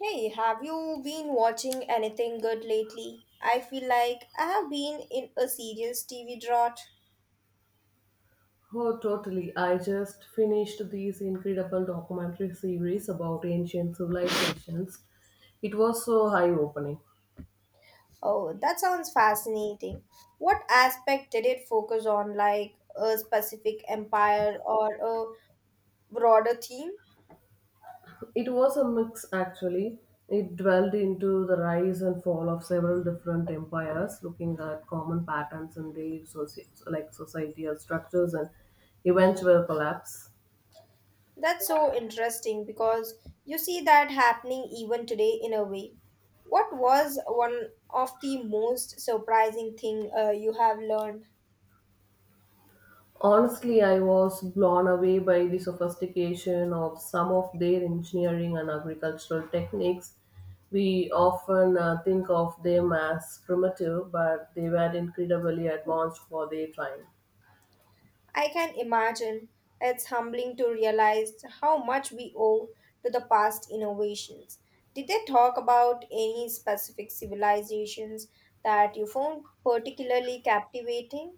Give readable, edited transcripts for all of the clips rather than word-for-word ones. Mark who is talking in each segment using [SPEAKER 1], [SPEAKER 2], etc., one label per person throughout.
[SPEAKER 1] Hey, have you been watching anything good lately? I feel like I have been in a serious TV drought.
[SPEAKER 2] Oh, totally. I just finished this incredible documentary series about ancient civilizations. It was so eye opening.
[SPEAKER 1] Oh, that sounds fascinating. What aspect did it focus on, like a specific empire or a broader theme?
[SPEAKER 2] It was a mix, actually. It dwelled into the rise and fall of several different empires, looking at common patterns in their societal structures and eventual collapse.
[SPEAKER 1] That's so interesting because you see that happening even today in a way. What was one of the most surprising thing you have learned?
[SPEAKER 2] Honestly, I was blown away by the sophistication of some of their engineering and agricultural techniques. We often think of them as primitive, but they were incredibly advanced for their time.
[SPEAKER 1] I can imagine it's humbling to realize how much we owe to the past innovations. Did they talk about any specific civilizations that you found particularly captivating?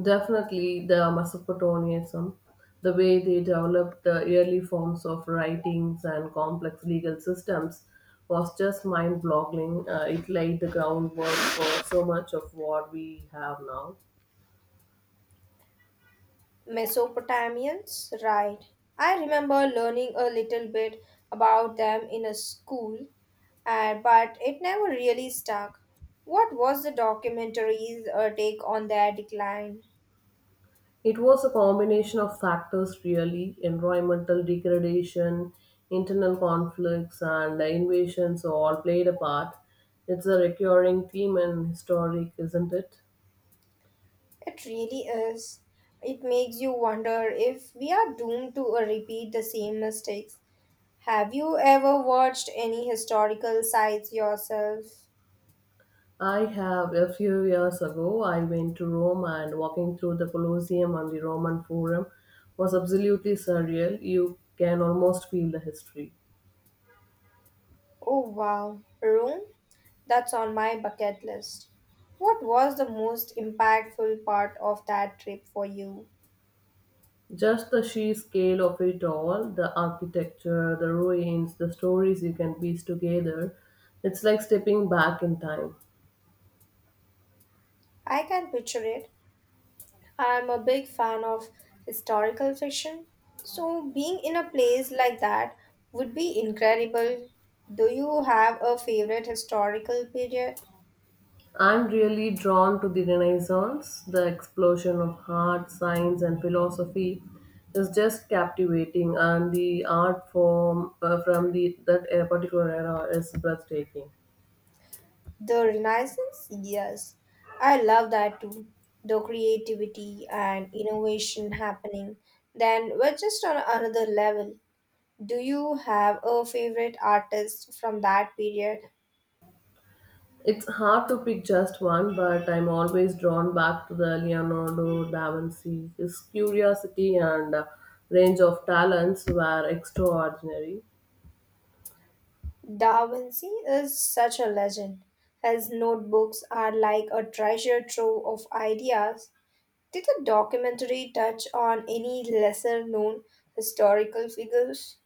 [SPEAKER 2] Definitely, the Mesopotamianism, the way they developed the early forms of writings and complex legal systems, was just mind-boggling. It laid the groundwork for so much of what we have now.
[SPEAKER 1] Mesopotamians, right. I remember learning a little bit about them in a school, but it never really stuck. What was the documentary's take on their decline?
[SPEAKER 2] It was a combination of factors, really environmental degradation, internal conflicts, and invasions all played a part. It's a recurring theme in historic, isn't it?
[SPEAKER 1] It really is. It makes you wonder if we are doomed to repeat the same mistakes. Have you ever watched any historical sites yourself?
[SPEAKER 2] I have a few years ago I went to Rome, and walking through the Colosseum and the Roman Forum was absolutely surreal. You can almost feel the history.
[SPEAKER 1] Oh wow, Rome? That's on my bucket list. What was the most impactful part of that trip for you?
[SPEAKER 2] Just the sheer scale of it all, the architecture, the ruins, the stories you can piece together, it's like stepping back in time.
[SPEAKER 1] I can picture it, I'm a big fan of historical fiction, so being in a place like that would be incredible. Do you have a favorite historical period?
[SPEAKER 2] I'm really drawn to the Renaissance. The explosion of art, science, and philosophy is just captivating, and the art form from that particular era is breathtaking.
[SPEAKER 1] The Renaissance? Yes, I love that too. The creativity and innovation happening then we're just on another level. Do you have a favorite artist from that period?
[SPEAKER 2] It's hard to pick just one, but I'm always drawn back to the Leonardo da Vinci. His curiosity and range of talents were extraordinary.
[SPEAKER 1] Da Vinci is such a legend. His notebooks are like a treasure trove of ideas. Did the documentary touch on any lesser known historical figures?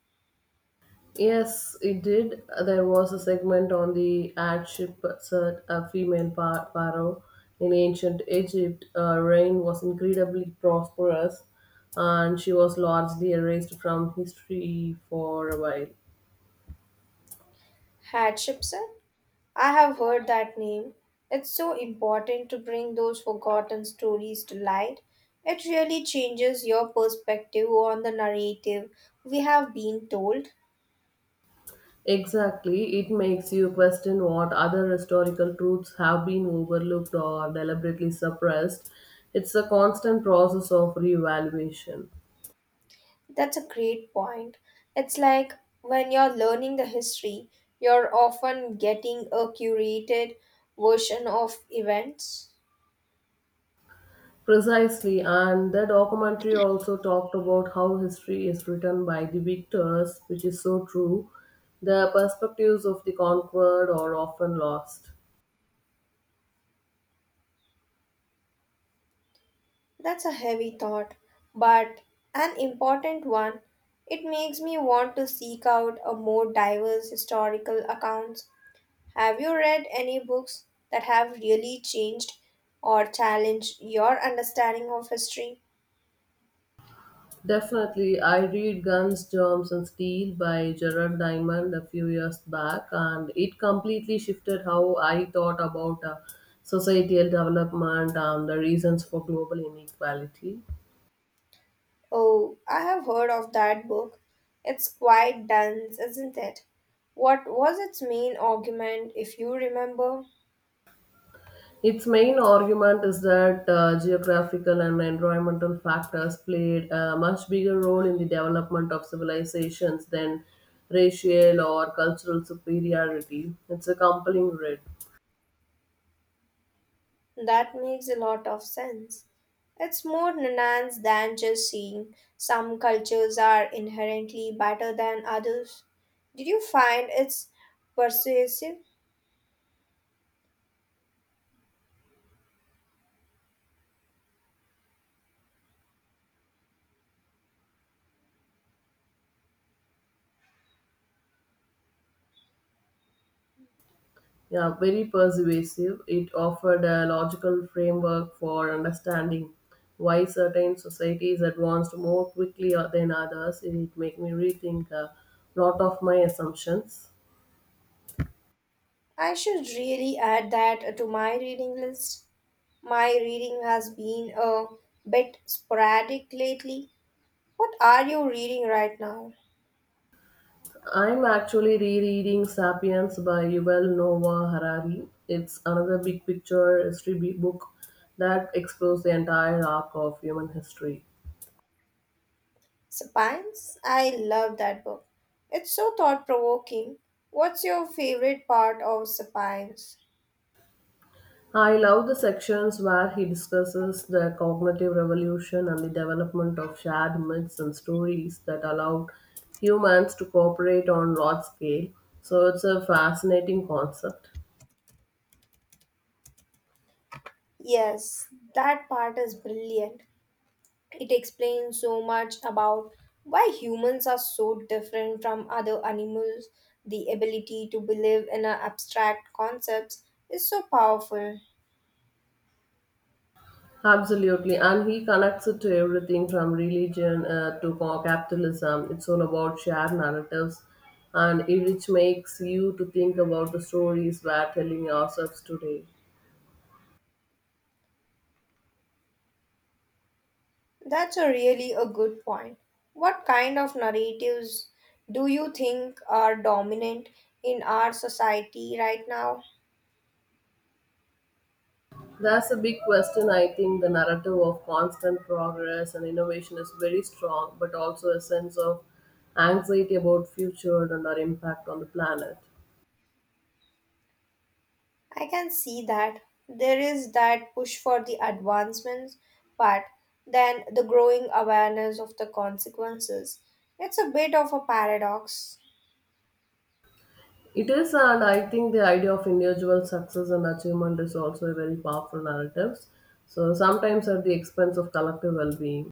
[SPEAKER 2] Yes, it did. There was a segment on the adship cert, a female pharaoh in ancient Egypt. Her reign was incredibly prosperous, and she was largely erased from history for a while.
[SPEAKER 1] Hatshepsut? I have heard that name. It's so important to bring those forgotten stories to light. It really changes your perspective on the narrative we have been told.
[SPEAKER 2] Exactly, it makes you question what other historical truths have been overlooked or deliberately suppressed. It's a constant process of reevaluation.
[SPEAKER 1] That's a great point. It's like when you're learning the history, you're often getting a curated version of events.
[SPEAKER 2] Precisely, and the documentary also talked about how history is written by the victors, which is so true. The perspectives of the conquered are often lost.
[SPEAKER 1] That's a heavy thought, but an important one. It makes me want to seek out a more diverse historical accounts. Have you read any books that have really changed or challenged your understanding of history?
[SPEAKER 2] Definitely, I read Guns, Germs, and Steel by Gerard Diamond a few years back, and it completely shifted how I thought about societal development and the reasons for global inequality.
[SPEAKER 1] Oh, I have heard of that book. It's quite dense, isn't it? What was its main argument, if you remember?
[SPEAKER 2] Its main argument is that geographical and environmental factors played a much bigger role in the development of civilizations than racial or cultural superiority. It's a compelling read.
[SPEAKER 1] That makes a lot of sense. It's more nuanced than just seeing some cultures are inherently better than others. Did you find it's persuasive?
[SPEAKER 2] Yeah, very persuasive. It offered a logical framework for understanding why certain societies advanced more quickly than others. It made me rethink a lot of my assumptions.
[SPEAKER 1] I should really add that to my reading list. My reading has been a bit sporadic lately. What are you reading right now?
[SPEAKER 2] I'm actually rereading *Sapiens* by Yuval Noah Harari. It's another big picture history book that explores the entire arc of human history.
[SPEAKER 1] Spines? I love that book. It's so thought provoking. What's your favorite part of Spines?
[SPEAKER 2] I love the sections where he discusses the cognitive revolution and the development of shared myths and stories that allowed humans to cooperate on large scale. So it's a fascinating concept.
[SPEAKER 1] Yes, that part is brilliant. It explains so much about why humans are so different from other animals. The ability to believe in our abstract concepts is so powerful.
[SPEAKER 2] Absolutely, and he connects it to everything from religion capitalism. It's all about shared narratives, and it which makes you to think about the stories we're telling ourselves today.
[SPEAKER 1] That's a really a good point. What kind of narratives do you think are dominant in our society right now?
[SPEAKER 2] That's a big question. I think the narrative of constant progress and innovation is very strong, but also a sense of anxiety about future and our impact on the planet.
[SPEAKER 1] I can see that there is that push for the advancements, but then the growing awareness of the consequences. It's a bit of a paradox.
[SPEAKER 2] It is, and I think the idea of individual success and achievement is also a very powerful narrative. So sometimes at the expense of collective well-being.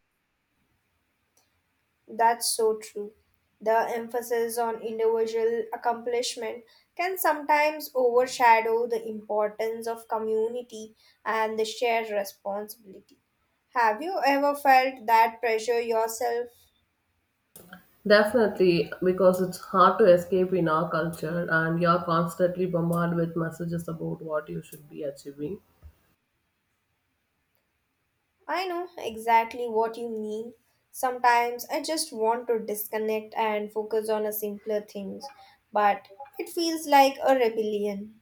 [SPEAKER 1] That's so true. The emphasis on individual accomplishment can sometimes overshadow the importance of community and the shared responsibility. Have you ever felt that pressure yourself?
[SPEAKER 2] Definitely, because it's hard to escape in our culture, and you're constantly bombarded with messages about what you should be achieving.
[SPEAKER 1] I know exactly what you mean. Sometimes I just want to disconnect and focus on a simpler things, but it feels like a rebellion.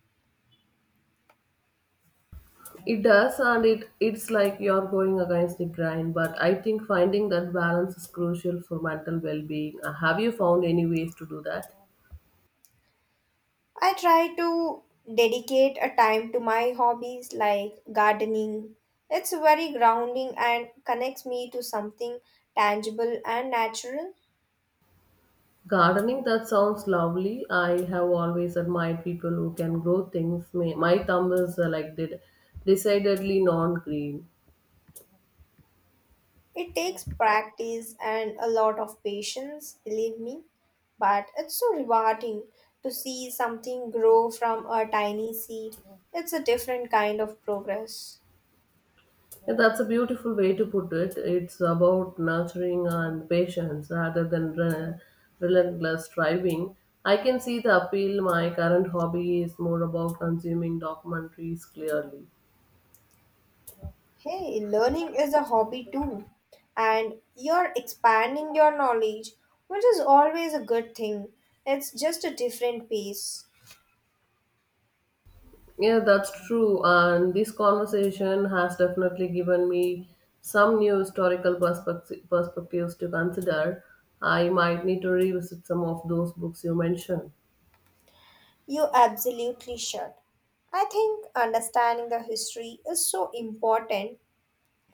[SPEAKER 2] It does, and it's like you're going against the grind. But I think finding that balance is crucial for mental well-being. Have you found any ways to do that?
[SPEAKER 1] I try to dedicate a time to my hobbies like gardening. It's very grounding and connects me to something tangible and natural.
[SPEAKER 2] Gardening, that sounds lovely. I have always admired people who can grow things. My thumb is like did decidedly non-green.
[SPEAKER 1] It takes practice and a lot of patience, believe me, but it's so rewarding to see something grow from a tiny seed. It's a different kind of progress.
[SPEAKER 2] Yeah, that's a beautiful way to put it. It's about nurturing and patience rather than relentless striving. I can see the appeal. My current hobby is more about consuming documentaries clearly.
[SPEAKER 1] Hey, learning is a hobby too, and you're expanding your knowledge, which is always a good thing. It's just a different pace.
[SPEAKER 2] Yeah, that's true. And this conversation has definitely given me some new historical perspectives to consider. I might need to revisit some of those books you mentioned.
[SPEAKER 1] You absolutely should. I think understanding the history is so important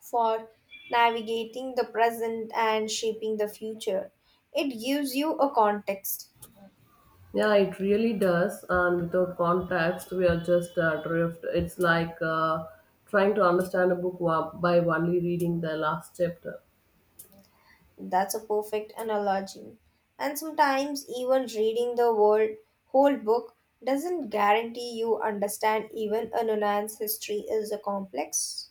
[SPEAKER 1] for navigating the present and shaping the future. It gives you a context.
[SPEAKER 2] Yeah, it really does. And without context, we are just adrift. It's like trying to understand a book by only reading the last chapter.
[SPEAKER 1] That's a perfect analogy. And sometimes, even reading the world, whole book doesn't guarantee you understand even a nuanced history is a complex.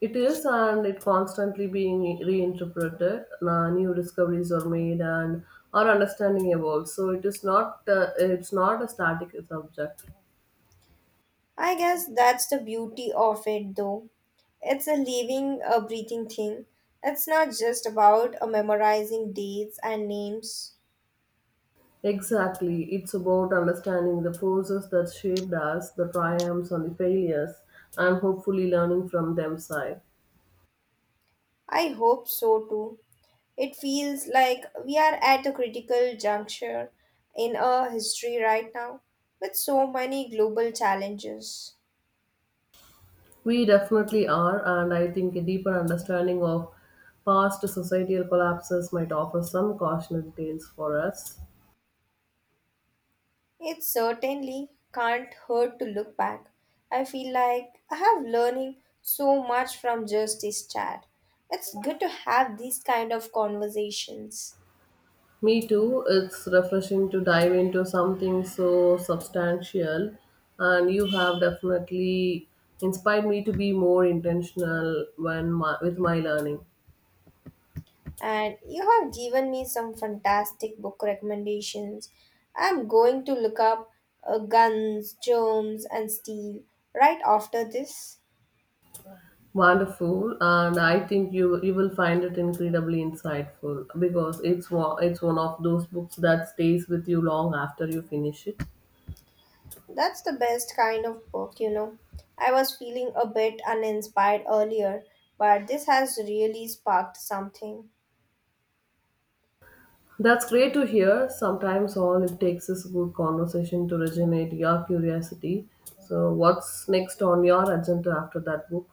[SPEAKER 2] It is, and it constantly being reinterpreted. New discoveries are made, and our understanding evolves. So it is not. It's not a static subject.
[SPEAKER 1] I guess that's the beauty of it, though. It's a living, a breathing thing. It's not just about memorizing dates and names.
[SPEAKER 2] Exactly. It's about understanding the forces that shaped us, the triumphs and the failures, and hopefully learning from them side.
[SPEAKER 1] I hope so too. It feels like we are at a critical juncture in our history right now with so many global challenges.
[SPEAKER 2] We definitely are, and I think a deeper understanding of past societal collapses might offer some cautionary tales for us.
[SPEAKER 1] It certainly can't hurt to look back. I feel like I have learning so much from just this chat. It's good to have these kind of conversations.
[SPEAKER 2] Me too, it's refreshing to dive into something so substantial, and you have definitely inspired me to be more intentional with my learning.
[SPEAKER 1] And you have given me some fantastic book recommendations. I'm going to look up Guns, Germs, and Steel right after this.
[SPEAKER 2] Wonderful, and I think you will find it incredibly insightful because it's one of those books that stays with you long after you finish it.
[SPEAKER 1] That's the best kind of book, you know. I was feeling a bit uninspired earlier, but this has really sparked something.
[SPEAKER 2] That's great to hear. Sometimes all it takes is good conversation to originate your curiosity. So, what's next on your agenda after that book?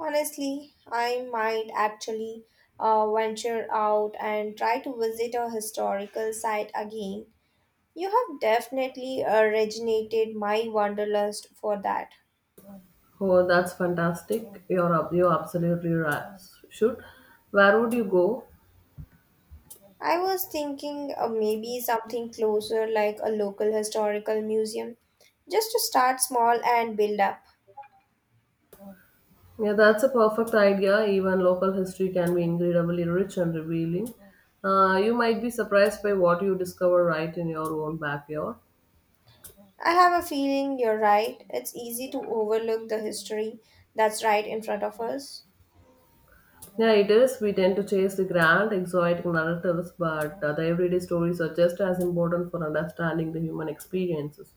[SPEAKER 1] Honestly, I might actually venture out and try to visit a historical site again. You have definitely originated my wanderlust for that.
[SPEAKER 2] Oh, that's fantastic. You're absolutely right. Should Where would you go?
[SPEAKER 1] I was thinking maybe something closer like a local historical museum, just to start small and build up.
[SPEAKER 2] Yeah, that's a perfect idea. Even local history can be incredibly rich and revealing. You might be surprised by what you discover right in your own backyard.
[SPEAKER 1] I have a feeling you're right. It's easy to overlook the history that's right in front of us.
[SPEAKER 2] Yeah, it is. We tend to chase the grand, exotic narratives, but the everyday stories are just as important for understanding the human experiences.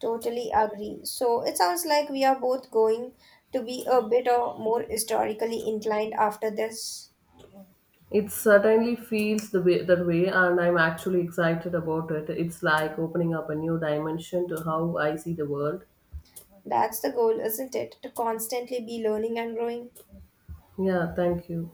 [SPEAKER 1] Totally agree. So it sounds like we are both going to be a bit or more historically inclined after this.
[SPEAKER 2] It certainly feels that way, and I'm actually excited about it. It's like opening up a new dimension to how I see the world.
[SPEAKER 1] That's the goal, isn't it? To constantly be learning and growing.
[SPEAKER 2] Yeah, thank you.